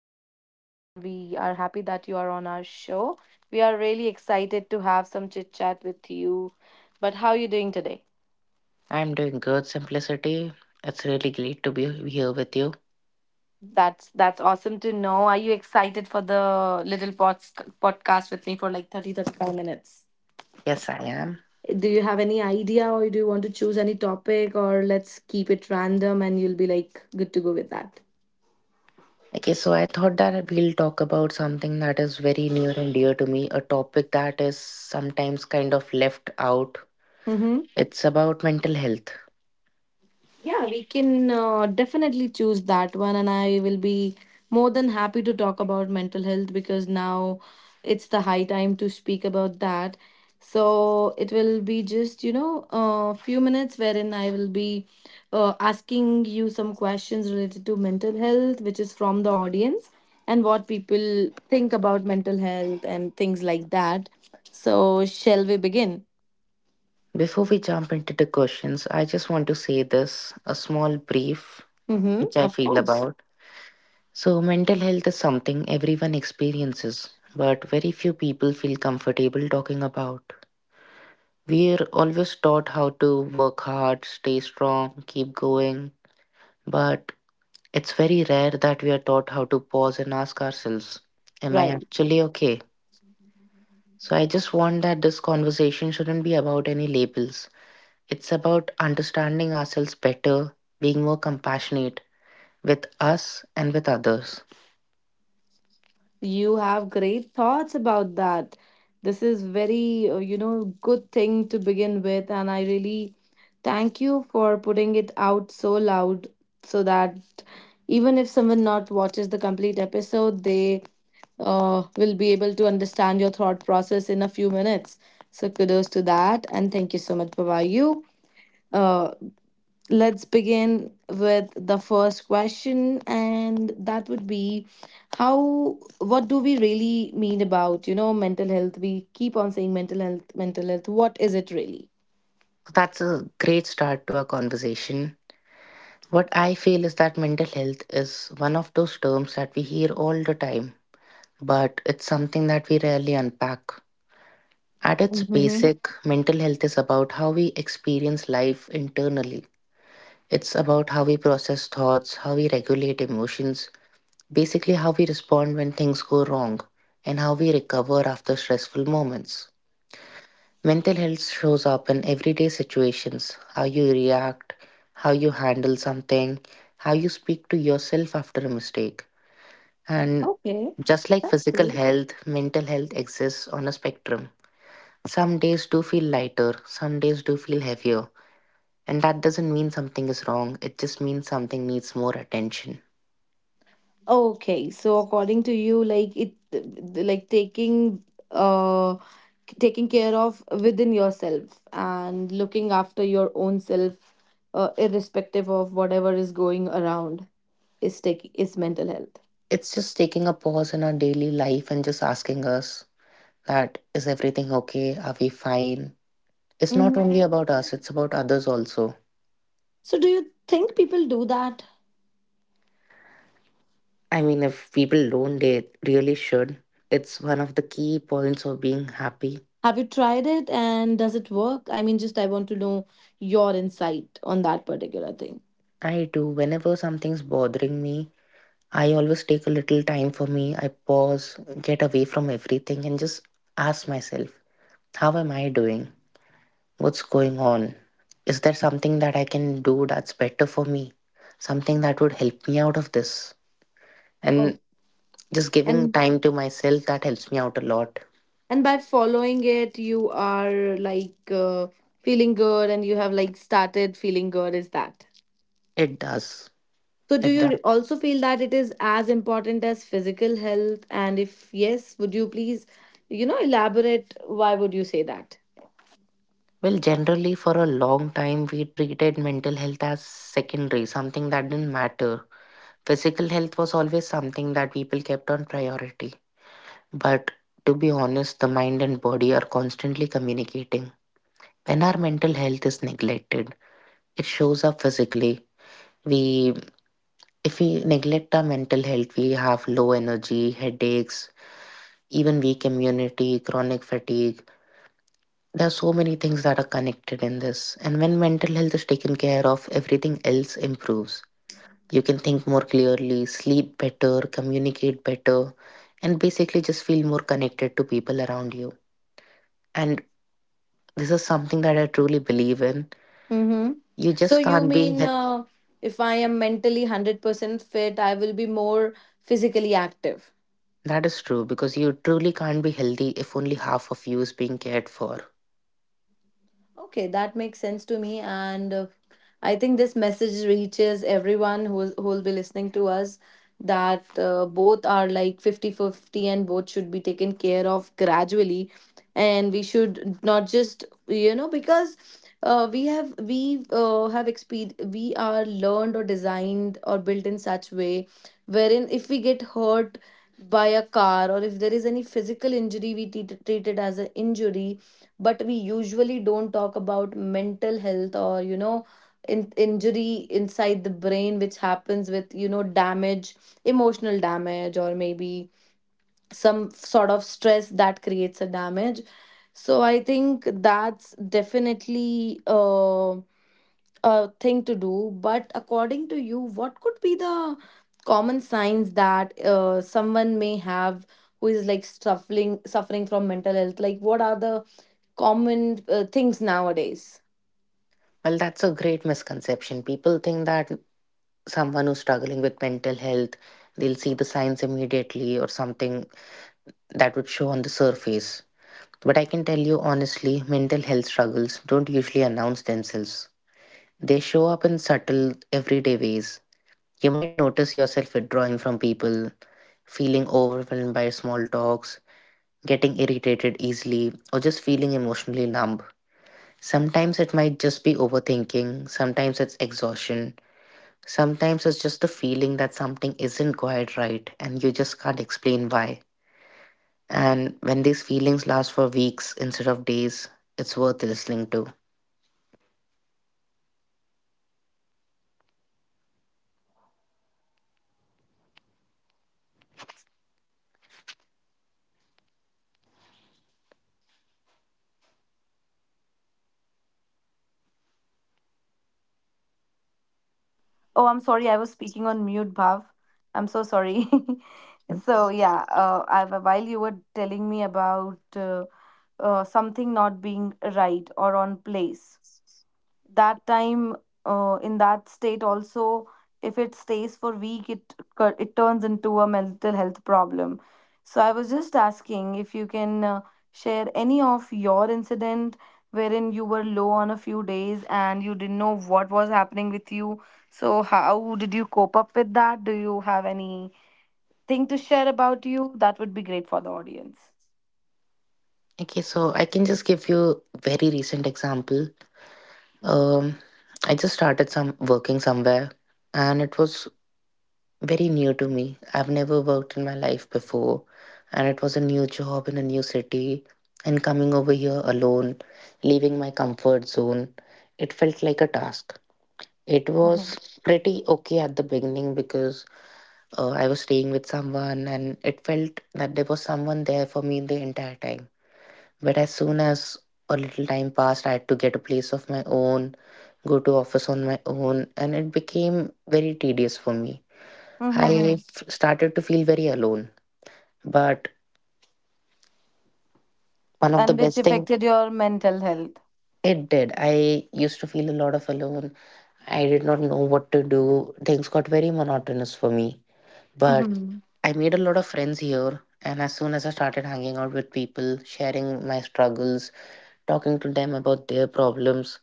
you and we are happy that you are on our show. We are really excited to have some chit chat with you. But how are you doing today? I'm doing good, Simplicity. It's really great to be here with you. That's awesome to know. Are you excited for the little podcast with me for like 35 minutes? Yes, I am. Do you have any idea or do you want to choose any topic or let's keep it random and you'll be like good to go with Okay, so I thought that we'll talk about something that is very near and dear to me, a topic that is sometimes kind of left out. that? It's about mental health. Yeah, we can definitely choose that one, and I will be more than happy to talk about mental health because now it's the high time to speak about that. So it will be just, a few minutes wherein I will be asking you some questions related to mental health, which is from the audience, and what people think about mental health and things like that. So, shall we begin? Before we jump into the questions, I just want to say this a small brief Mm-hmm, which I of feel course. about. So, mental health is something everyone experiences, but very few people feel comfortable talking about. We're always taught how to work hard, stay strong, keep going, but it's very rare that we are taught how to pause and ask ourselves, am I Right. actually okay? So I just want that this conversation shouldn't be about any labels. It's about understanding ourselves better, being more compassionate with us and with others. You have great thoughts about that. This is very, good thing to begin with, and I really thank you for putting it out so loud so that even if someone not watches the complete episode, they will be able to understand your thought process in a few minutes. So kudos to that, and thank you so much, Baba. You. Uh, let's begin with the first question, and that would be how, what do we really mean about mental health we keep on saying mental health what is it really? So that's a great start to our conversation. What I feel is that mental health is one of those terms that we hear all the time, but it's something that we rarely unpack. At its Mm-hmm. basic, mental health is about how we experience life internally. It's about how we process thoughts, how we regulate emotions, basically, how we respond when things go wrong, and how we recover after stressful moments. Mental health shows up in everyday situations: how you react, how you handle something, how you speak to yourself after a mistake. And Okay, just like that's physical good. health, mental health exists on a spectrum. Some days do feel lighter, some days do feel heavier, and that doesn't mean something is wrong, it just means something needs more attention. Okay, so according to you, like it like taking uh taking care of within yourself and looking after your own self, irrespective of whatever is going around, is mental health. It's just taking a pause in our daily life and just asking us, that is everything okay? Are we fine? It's not only Mhm. about us, it's about others also. So, do you think people do that? I mean, if people don't, they really should. It's one of the key points of being happy. Have you tried it and does it work? I mean, just I want to know your insight on that particular thing. I do, whenever something's bothering me, I always take a little time for me. I pause, get away from everything, and just ask myself, how am I doing? What's going on? Is there something that I can do that's better for me? Something that would help me out of this? Oh, And just giving and time to myself, that helps me out a lot. and by following it, you are like feeling good and you have like started feeling good. Is that? It does. So, do It you does. also feel that it is as important as physical health? And if yes, would you please, elaborate? Why would you say that? Well, generally, for a long time, we treated mental health as secondary, something that didn't matter. Physical health was always something that people kept on priority. But to be honest, the mind and body are constantly communicating. When our mental health is neglected, it shows up physically. We, if we neglect our mental health, we have low energy, headaches, even weak immunity, chronic fatigue. There are so many things that are connected in this. And when mental health is taken care of, everything else improves. You can think more clearly, sleep better, communicate better, and basically just feel more connected to people around you. And this is something that I truly believe in. Mm-hmm. You So just you can't be, mean he- if I am mentally 100% fit, I will be more physically active. that is true, because you truly can't be healthy if only half of you is being cared for. Okay, that makes sense to me. And I think this message reaches everyone who will be listening to us, that both are like fifty-fifty, and both should be taken care of gradually. And we should not just, you know, because uh, we have we we are learned or designed or built in such way wherein if we get hurt by a car, or if there is any physical injury, we treat it as an injury, but we usually don't talk about mental health, or injury inside the brain, which happens with damage, emotional damage, or maybe some sort of stress that creates a damage. So I think that's definitely a thing to do. But according to you, what could be the common signs that someone may have, who is like suffering from mental health? Like, what are the common things nowadays? Well, that's a great misconception. People think that someone who's struggling with mental health, they'll see the signs immediately, or something that would show on the surface. But I can tell you honestly, mental health struggles don't usually announce themselves. They show up in subtle, everyday ways. You might notice yourself withdrawing from people, feeling overwhelmed by small talks, getting irritated easily, or just feeling emotionally numb. Sometimes it might just be overthinking, sometimes it's exhaustion, sometimes it's just the feeling that something isn't quite right and you just can't explain why. And when these feelings last for weeks instead of days, it's worth listening to. Oh, I'm sorry, I was speaking on mute, Bhav. I'm so sorry. Mm. So yeah, I, while you were telling me about something not being right or on place, that time in that state also, if it stays for week, it it turns into a mental health problem. So I was just asking if you can share any of your incident wherein you were low on a few days and you didn't know what was happening with you. So how did you cope up with that? Do you have anything to share about you? That would be great for the audience. Okay, so I can just give you very recent example. Um, I just started some working somewhere and it was very new to me. I've never worked in my life before, and it was a new job in a new city. And coming over here alone, leaving my comfort zone, it felt like a task. It Mhm. was pretty okay at the beginning because I was staying with someone, and it felt that there was someone there for me the entire time. But as soon as a little time passed, I had to get a place of my own, go to office on my own, and it became very tedious for me. Mhm, I mhm. f- started to feel very alone. But one of the And which best thing affected your mental health. it did. I used to feel a lot of alone. I did not know what to do. Things got very monotonous for me. But Mhm. I made a lot of friends here. And as soon as I started hanging out with people, sharing my struggles, talking to them about their problems,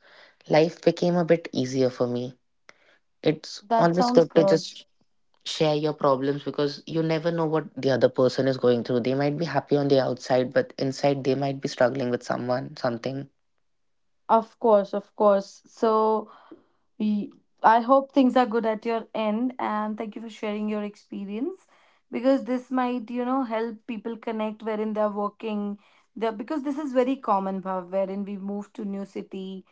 life became a bit easier for me. It's That always sounds good to good. just share your problems because you never know what the other person is going through. They might be happy on the outside, but inside they might be struggling with someone, something. Of course, of course. So, y- I hope things are good at your end, and thank you for sharing your experience, because this might, you know, help people connect wherein they're working. There, because this is very common, Bhav, wherein we move to new city.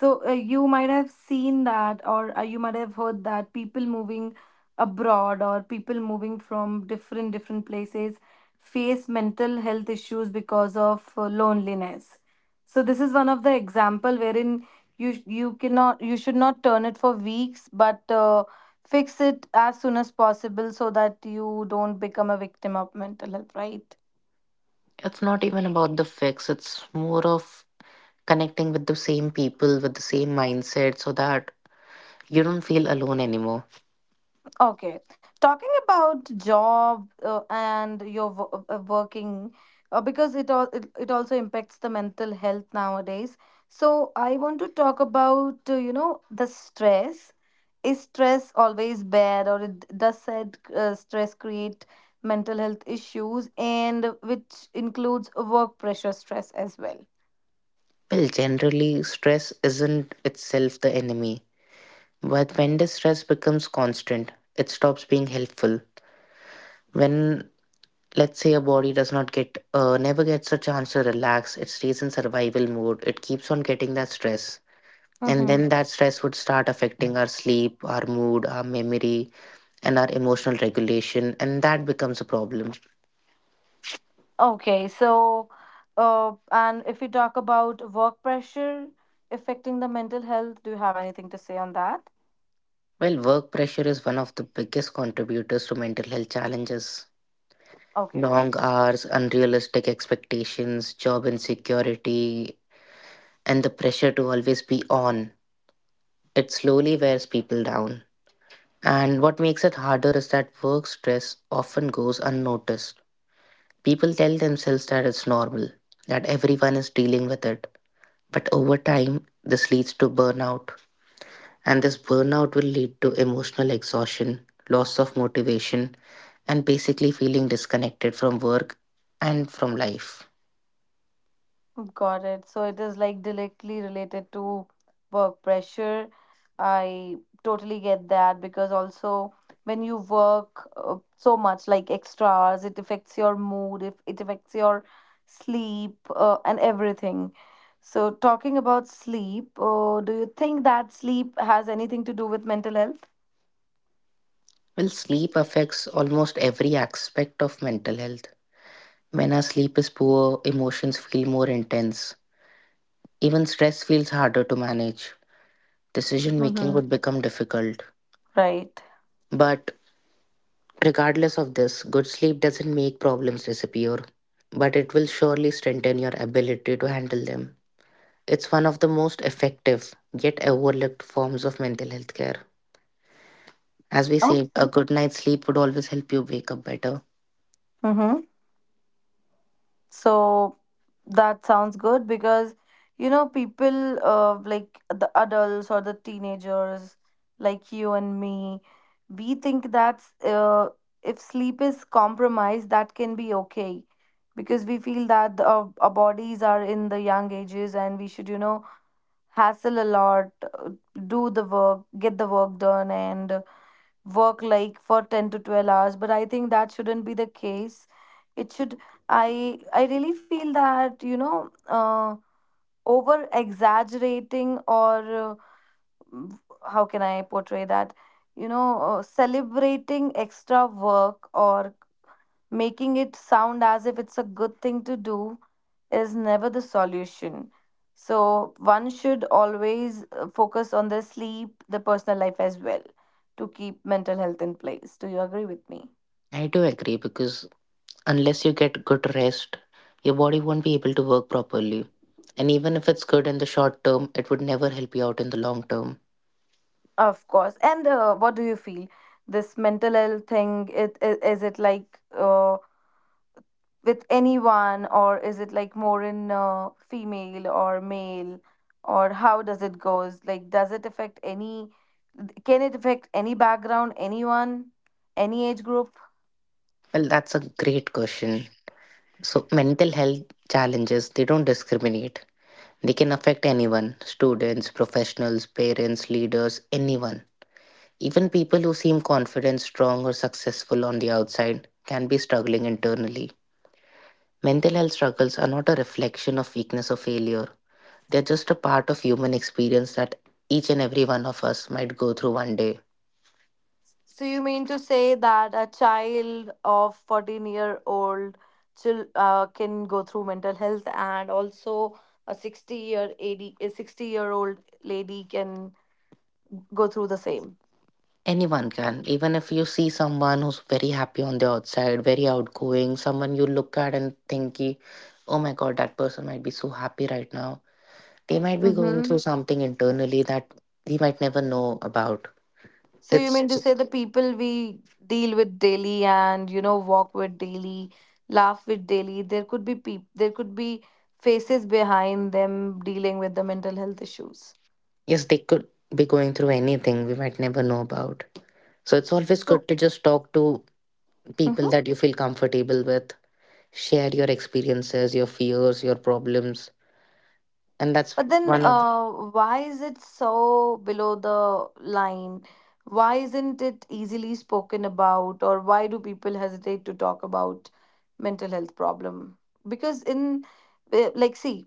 So you might have seen that, or you might have heard that people moving abroad or people moving from different different places face mental health issues because of loneliness. So this is one of the example wherein you cannot, you should not turn it for weeks, but fix it as soon as possible, so that you don't become a victim of mental health. Right? It's not even about the fix, it's more of connecting with the same people, with the same mindset, so that you don't feel alone anymore. Okay. Talking about job and your working, because it all it, it also impacts the mental health nowadays. So I want to talk about the stress. Is stress always bad, or it does said stress create mental health issues, and which includes work pressure stress as well? Well, generally, stress isn't itself the enemy, but when the stress becomes constant, it stops being helpful. When, let's say, a body does not get never gets a chance to relax, it stays in survival mode, it keeps on getting that stress, and Hmm. then that stress would start affecting our sleep, our mood, our memory, and our emotional regulation, and that becomes a problem. Okay, so and if we talk about work pressure affecting the mental health, do you have anything to say on that? Well, work pressure is one of the biggest contributors to mental health challenges: Okay. long hours, unrealistic expectations, job insecurity, and the pressure to always be on. It slowly wears people down. And what makes it harder is that work stress often goes unnoticed. People tell themselves that it's normal, that everyone is dealing with it. But over time, this leads to burnout. And this burnout will lead to emotional exhaustion, loss of motivation, and basically feeling disconnected from work and from life. Got it. So it is like directly related to work pressure. I totally get that, because also when you work so much, like extra hours, it affects your mood, if it affects your sleep, and everything. So talking about sleep, do you think that sleep has anything to do with mental health? Well, sleep affects almost every aspect of mental health. When our sleep is poor, emotions feel more intense. Even stress feels harder to manage. Decision making Mm-hmm. would become difficult. Right. But regardless of this, good sleep doesn't make problems disappear, but it will surely strengthen your ability to handle them. It's one of the most effective yet overlooked forms of mental health care. As we said, a Okay. good night's sleep would always help you wake up better. Mm-hmm. So that sounds good, because people like the adults or the teenagers like you and me, we think that's if sleep is compromised, that can be okay, because we feel that our bodies are in the young ages and we should you know hassle a lot, do the work, get the work done, and work like for 10 to 12 hours. But I think that shouldn't be the case. It should, I really feel that over exaggerating, or m- how can I portray that, celebrating extra work or making it sound as if it's a good thing to do is never the solution. So, one should always focus on the sleep, the personal life as well, to keep mental health in place. Do you agree with me? I do agree because unless you get good rest, your body won't be able to work properly. And even if it's good in the short term, it would never help you out in the long term. Of course. And what do you feel? This mental health thing, is it like with anyone, or is it like more in female or male, or how does it goes? Like, does it affect any? Can it affect any background, anyone, any age group? Well, that's a great question. So, mental health challenges, they don't discriminate. They can affect anyone: students, professionals, parents, leaders, anyone. Even people who seem confident, strong, or successful on the outside can be struggling internally. Mental health struggles are not a reflection of weakness or failure, they're just a part of human experience that each and every one of us might go through one day. So you mean to say that a child of 14-year-old can go through mental health, and also a 60 year AD, a 60-year-old lady can go through the same. Anyone can. Even if you see someone who's very happy on the outside, very outgoing, someone you look at and think, "Ki, oh my god, that person might be so happy right now." They might be going through Mm-hmm. something internally that we might never know about. So you It's mean to j- say the people we deal with daily and walk with daily, laugh with daily, there could be peop there could be faces behind them dealing with the mental health issues. yes, they could be going through anything we might never know about. So it's always So, good to just talk to people Mhm. that you feel comfortable with, share your experiences, your fears, your problems. And that's But then one of why is it so below the line? Why isn't it easily spoken about, or why do people hesitate to talk about mental health problem? Because in like see,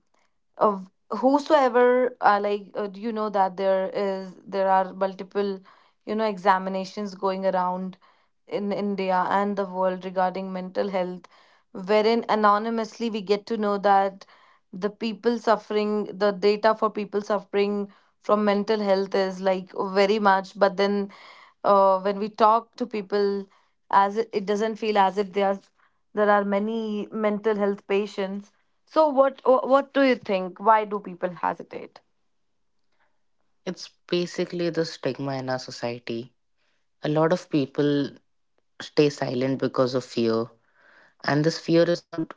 of whosoever that there are multiple examinations going around in India and the world regarding mental health, wherein anonymously we get to know that the data for people suffering from mental health is like very much. But then when we talk to people, it doesn't feel as if there are many mental health patients. So what do you think? Why do people hesitate? it's basically the stigma in our society. A lot of people stay silent because of fear, and this fear is not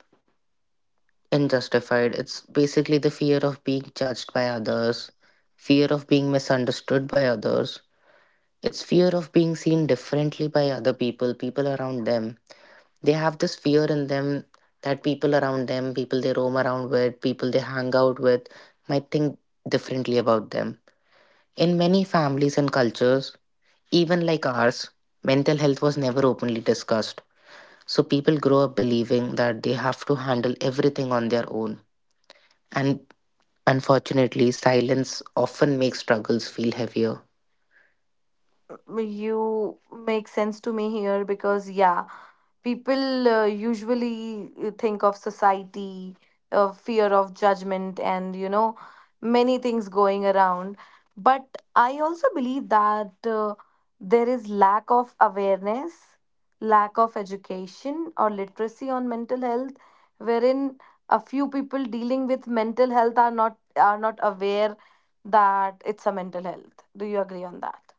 unjustified. It's basically the fear of being judged by others, fear of being misunderstood by others, it's fear of being seen differently by other people, people around them. They have this fear in them that people around them, people they roam around with, people they hang out with might think differently about them. In many families and cultures, even like ours, mental health was never openly discussed. So people grow up believing that they have to handle everything on their own. And unfortunately, silence often makes struggles feel heavier. You make sense to me here, because yeah, people usually think of society, fear of judgment, and you know, many things going around. But I also believe that there is lack of awareness, lack of education or literacy on mental health, wherein a few people dealing with mental health are not aware that it's a mental health. Do you agree on that?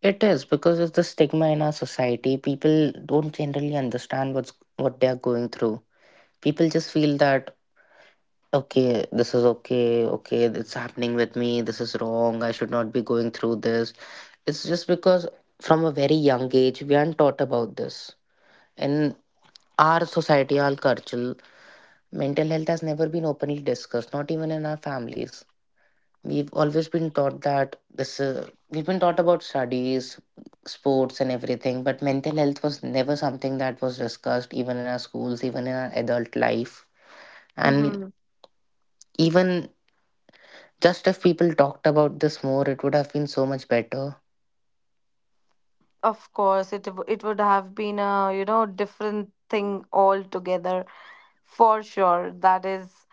It is because of the stigma in our society. People don't generally understand what's what they are going through. People just feel that okay, this is okay, okay, it's happening with me. This is wrong. I should not be going through this. It's just because from a very young age we aren't taught about this in our society, our culture. Mental health has never been openly discussed, not even in our families. We've always been taught that this we've been taught about studies, sports, and everything, but mental health was never something that was discussed even in our schools, even in our adult life. And Mhm. even just if people talked about this more, it would have been so much better. Of course, it would have been a you know different thing altogether, for sure. That is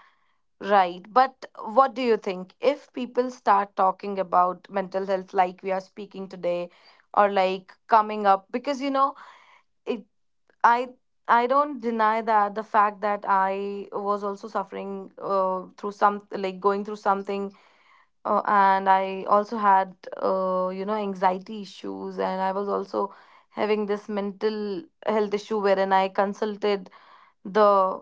right. But what do you think if people start talking about mental health like we are speaking today, or like coming up, because you know it. I I don't deny that the fact that I was also suffering, through some, like, going through something, and I also had, anxiety issues. And I was also having this mental health issue, wherein I consulted the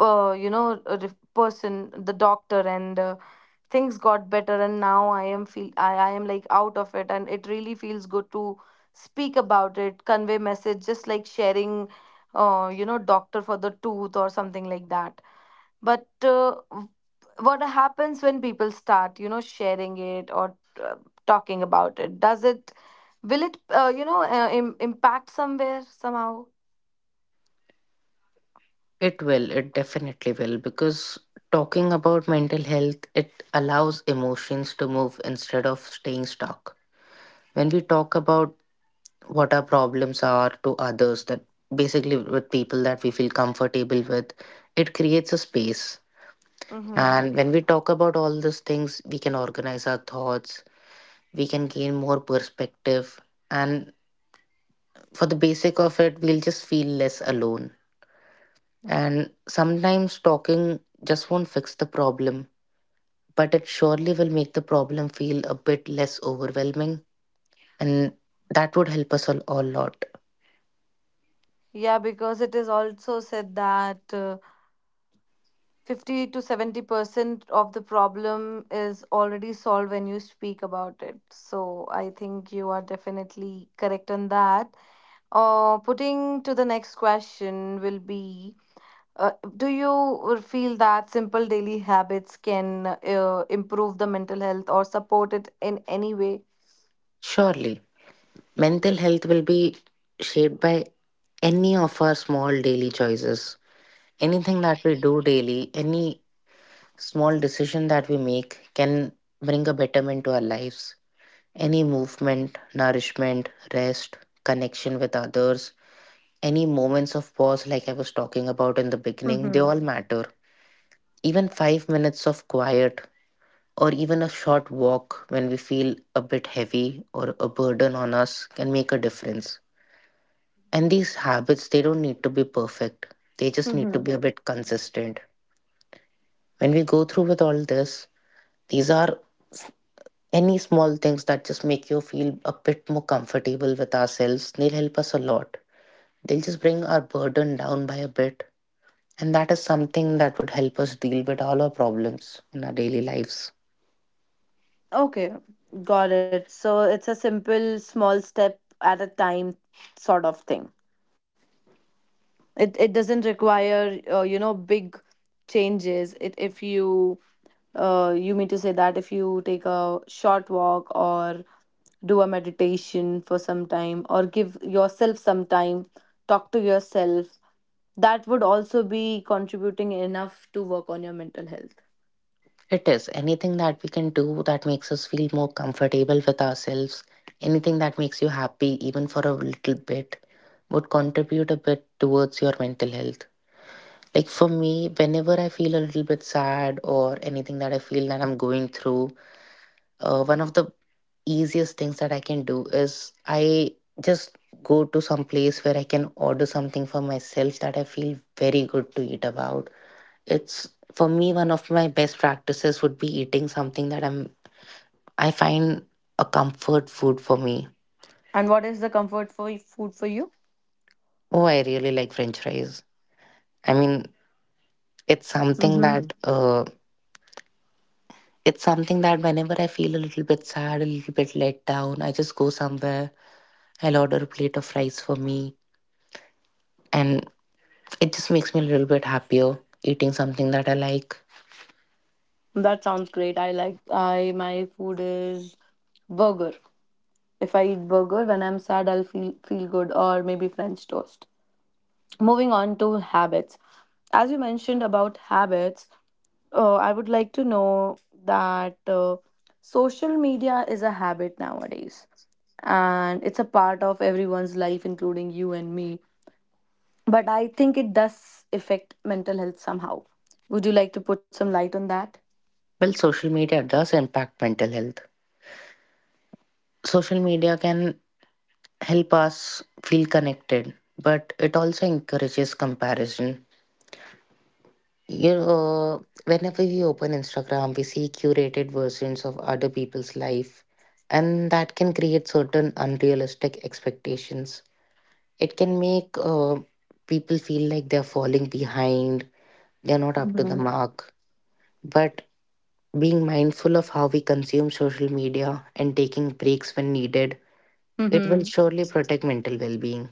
you know a dif- person the doctor, and things got better. And now, I am like out of it, and it really feels good to speak about it, convey message, just like sharing, doctor for the tooth or something like that. But what happens when people start, sharing it, or uh, talking about it? Does it will it impact somewhere somehow? It will, it definitely will, because talking about mental health, it allows emotions to move instead of staying stuck. When we talk about what our problems are to others, that basically with people that we feel comfortable with, it creates a space. Mm-hmm. And when we talk about all these things, we can organize our thoughts, we can gain more perspective, and for the basic of it, we'll just feel less alone. And sometimes talking just won't fix the problem, but it surely will make the problem feel a bit less overwhelming. And that would help us a lot. Yeah, because it is also said that, 50 to 70% of the problem is already solved when you speak about it. So I think you are definitely correct on that. Putting to the next question will be, do you feel that simple daily habits can, improve the mental health or support it in any way? Surely, mental health will be shaped by any of our small daily choices. Anything that we do daily, any small decision that we make can bring a betterment to our lives. Any movement, nourishment, rest, connection with others, any moments of pause, like I was talking about in the beginning, they Mm-hmm. all matter. Even 5 minutes of quiet or even a short walk when we feel a bit heavy or a burden on us can make a difference. And these habits, they don't need to be perfect. They just need to be a Mm-hmm. bit consistent. When we go through with all this, these are any small things that just make you feel a bit more comfortable with ourselves. They'll help us a lot. They'll just bring our burden down by a bit. And that is something that would help us deal with all our problems in our daily lives. Okay, got it. So it's a simple, small step at a time sort of thing. It doesn't require, big changes. It if you uh, you mean to say that if you take a short walk, or do a meditation for some time, or give yourself some time, talk to yourself, that would also be contributing enough to work on your mental health. It is anything that we can do that makes us feel more comfortable with ourselves, anything that makes you happy, even for a little bit, would contribute a bit towards your mental health. Like for me, whenever I feel a little bit sad or anything that I feel that I'm going through, one of the easiest things that I can do is I just go to some place where I can order something for myself that I feel very good to eat about. It's for me, one of my best practices would be eating something that I find a comfort food for me. And what is the comfort for food for you? Oh, I really like French fries. I mean, it's something Mm-hmm. that uh, it's something that whenever I feel a little bit sad, a little bit let down, I just go somewhere. I'll order a plate of fries for me, and it just makes me a little bit happier eating something that I like. That sounds great. I like I My food is burger. If I eat burger when I'm sad, I'll feel good, or maybe French toast. Moving on to habits, as you mentioned about habits, I would like to know that, social media is a habit nowadays, and it's a part of everyone's life, including you and me. But I think it does affect mental health somehow. Would you like to put some light on that? Well, social media does impact mental health. Social media can help us feel connected, but it also encourages comparison. You know, whenever we open Instagram, we see curated versions of other people's life, and that can create certain unrealistic expectations. It can make people feel like they're falling behind, they're not up to the mark. But being mindful of how we consume social media and taking breaks when needed, it will Mm-hmm. surely protect mental well being.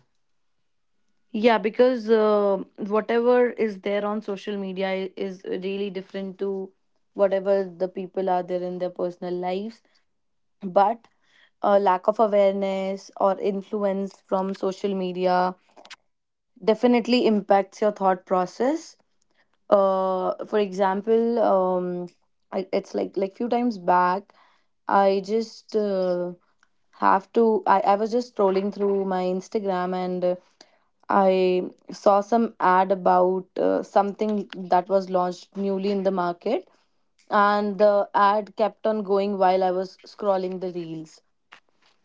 Yeah, because, whatever is there on social media is really different to whatever the people are there in their personal lives. But a lack of awareness or influence from social media definitely impacts your thought process. For example, it's like, few times back, I just have to I was just scrolling through my Instagram, and I saw some ad about, something that was launched newly in the market, and the ad kept on going while I was scrolling the reels.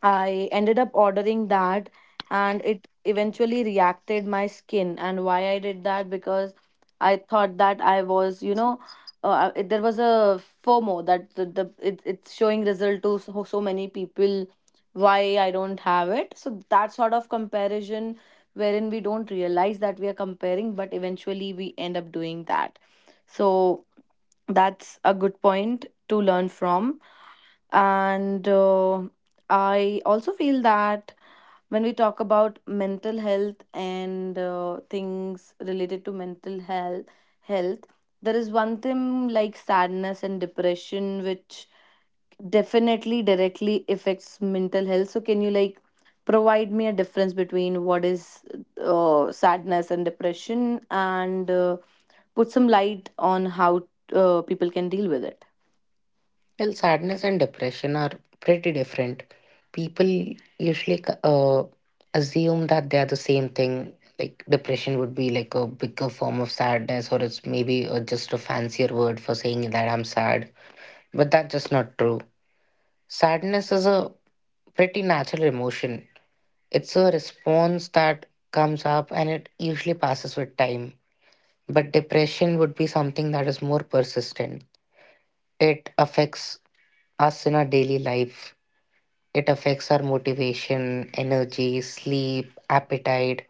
I ended up ordering that, and it eventually reacted my skin. And why I did that? Because I thought that I was, there was a FOMO that it's showing result to so many people. Why I don't have it? So that sort of comparison, wherein we don't realize that we are comparing, but eventually we end up doing that. So that's a good point to learn from. And I also feel that when we talk about mental health and, things related to mental health, health, there is one thing like sadness and depression, which definitely directly affects mental health. So, can you, like, provide me a difference between what is, sadness and depression, and put some light on how, people can deal with it? Well, sadness and depression are pretty different. People usually assume that they are the same thing. Like depression would be like a bigger form of sadness, or it's maybe just a fancier word for saying that I'm sad. But that's just not true. Sadness is a pretty natural emotion. It's a response that comes up and it usually passes with time. But depression would be something that is more persistent. It affects us in our daily life. It affects our motivation, energy, sleep, appetite.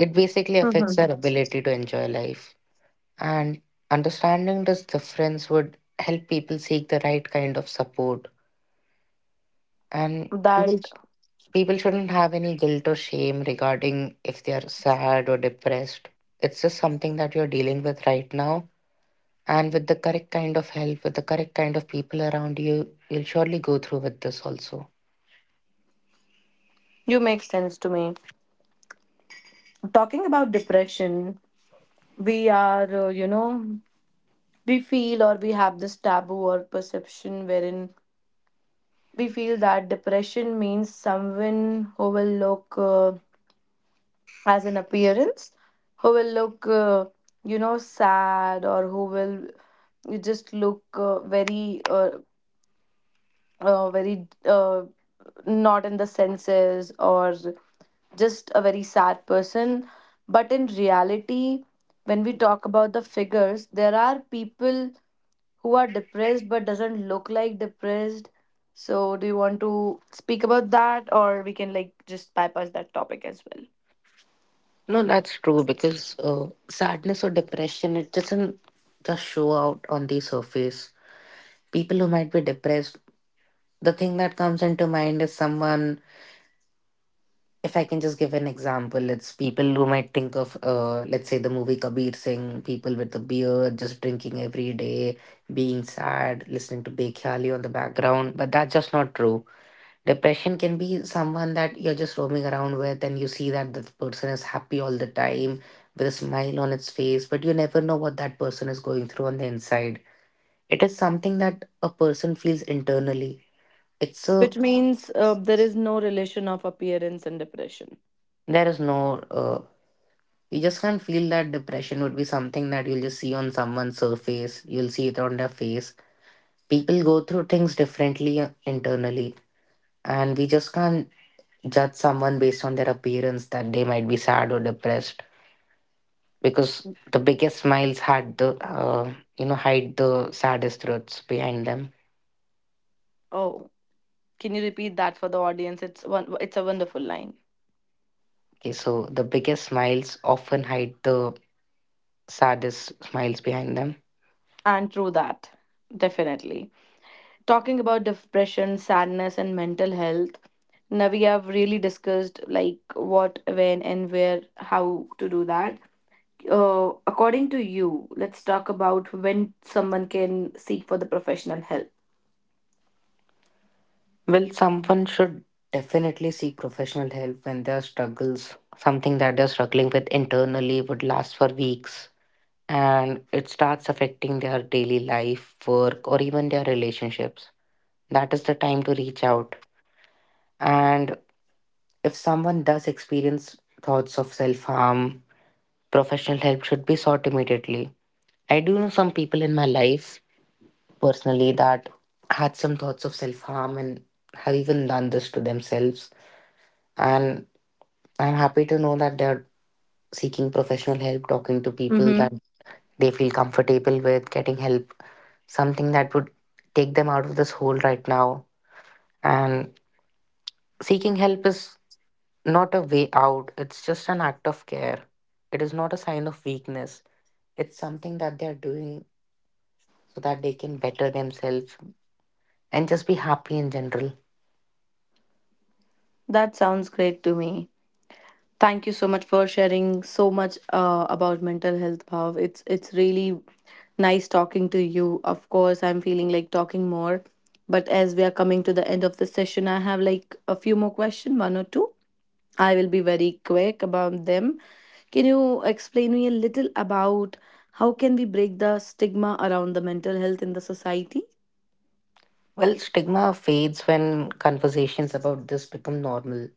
It basically affects our Mhm. ability to enjoy life. And understanding this difference would help people seek the right kind of support. And That people, people shouldn't have any guilt or shame regarding if they are sad or depressed. It's just something that you're dealing with right now. And with the correct kind of help, with the correct kind of people around you, you'll surely go through with this also. You make sense to me. Talking about depression, we are you know we feel, or we have, this taboo or perception, wherein we feel that depression means someone who will look, as an appearance, who will look, sad, or who will, you just look, very, very, not in the senses, or just a very sad person. But in reality, when we talk about the figures, there are people who are depressed but doesn't look like depressed. So, do you want to speak about that, or we can, like, just bypass that topic as well? No, that's true, because sadness or depression, it doesn't just show out on the surface. People who might be depressed, the thing that comes into mind is someone, if I can just give an example, it's people who might think of, let's say, the movie Kabir Singh, people with a beard, just drinking every day, being sad, listening to Bekhali on the background, but that's just not true. Depression can be someone that you're just roaming around with and you see that that person is happy all the time with a smile on its face, but you never know what that person is going through on the inside. It is something that a person feels internally. It's a, Which means, there is no relation of appearance and depression. there is no, You just can't feel that depression would be something that you'll just see on someone's surface, you'll see it on their face. People go through things differently internally, and we just can't judge someone based on their appearance that they might be sad or depressed, because the biggest smiles had the you know hide the saddest truths behind them. Oh, can you repeat that for the audience? It's one. It's a wonderful line, Okay, so the biggest smiles often hide the saddest smiles behind them. and true that, definitely. Talking about depression, sadness, and mental health, now we have really discussed like what, when, and where, how to do that. According to you, let's talk about when someone can seek for the professional help. Well, someone should definitely seek professional help when their struggles, something that they're struggling with internally, would last for weeks and it starts affecting their daily life work or even their relationships. That is the time to reach out. And if someone does experience thoughts of self harm, professional help should be sought immediately. I do know some people in my life personally that had some thoughts of self harm and have even done this to themselves. And I'm happy to know that they're seeking professional help, talking to people Mm-hmm. that they feel comfortable with, getting help, something that would take them out of this hole right now. And seeking help is not a way out, it's just an act of care. It is not a sign of weakness. It's something that they're doing so that they can better themselves and just be happy in general. That sounds great to me. Thank you so much for sharing so much, about mental health, Bhav. It's really nice talking to you. Of course, I'm feeling like talking more, but as we are coming to the end of the session, I have like a few more questions, one or two I will be very quick about them. Can you explain me a little about how can we break the stigma around the mental health in the society? Well, stigma fades when conversations about this become normal.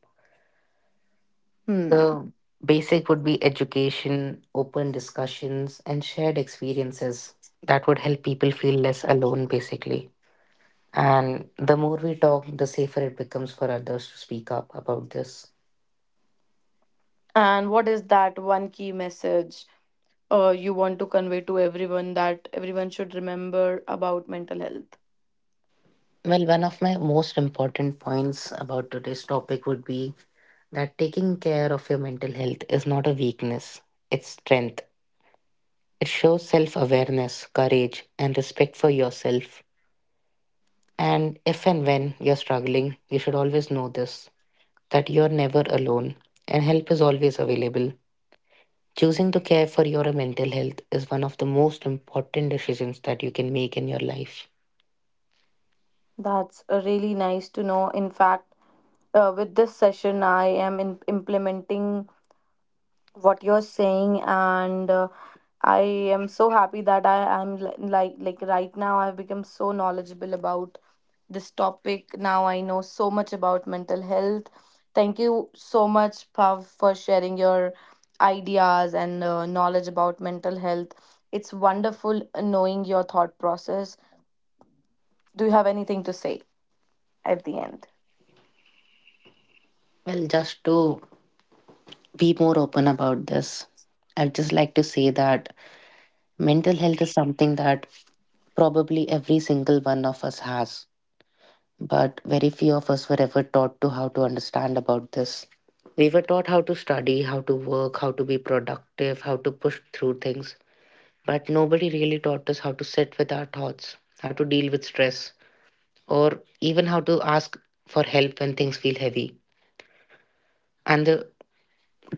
Hmm. The basic would be education, open discussions, and shared experiences that would help people feel less alone, basically. And the more we talk, the safer it becomes for others to speak up about this. And what is that one key message, you want to convey to everyone that everyone should remember about mental health? Well, one of my most important points about today's topic would be that taking care of your mental health is not a weakness, it's strength. It shows self awareness, courage, and respect for yourself. And if and when you're struggling, you should always know this, that you're never alone and help is always available. Choosing to care for your mental health is one of the most important decisions that you can make in your life. That's, really nice to know. In fact, with this session, I am in implementing what you're saying, and I am so happy that like right now I've become so knowledgeable about this topic. Now I know so much about mental health. Thank you so much, Pav, for sharing your ideas and, knowledge about mental health. It's wonderful knowing your thought process. Do you have anything to say at the end? Well, just to be more open about this, I'd just like to say that mental health is something that probably every single one of us has, but very few of us were ever taught to how to understand about this. We were taught how to study, how to work, how to be productive, how to push through things, but nobody really taught us how to sit with our thoughts, how to deal with stress, or even how to ask for help when things feel heavy. And the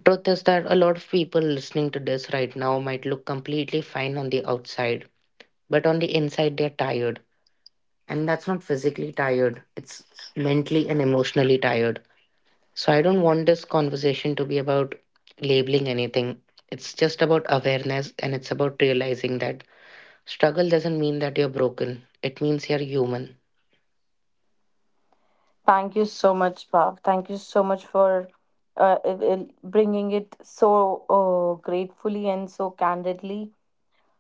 truth is that a lot of people listening to this right now might look completely fine on the outside, but on the inside they're tired. And that's not physically tired, it's mentally and emotionally tired. So I don't want this conversation to be about labeling anything. It's just about awareness, and it's about realizing that struggle doesn't mean that you're broken. It means you're human. Thank you so much, Bhav. Thank you so much for bringing it so, gratefully and so candidly,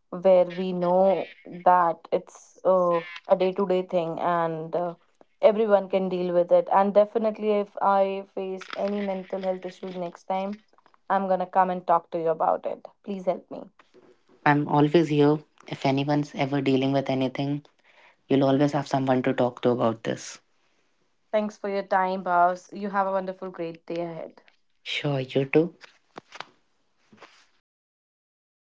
where we know that it's, a day to day thing, and everyone can deal with it. And definitely, if I face any mental health issues next time, I'm going to come and talk to you about it. Please help me. I'm always here. If anyone's ever dealing with anything, you'll always have someone to talk to about this. Thanks for your time, Bhavs. You have a wonderful, great day ahead. Sure, you too.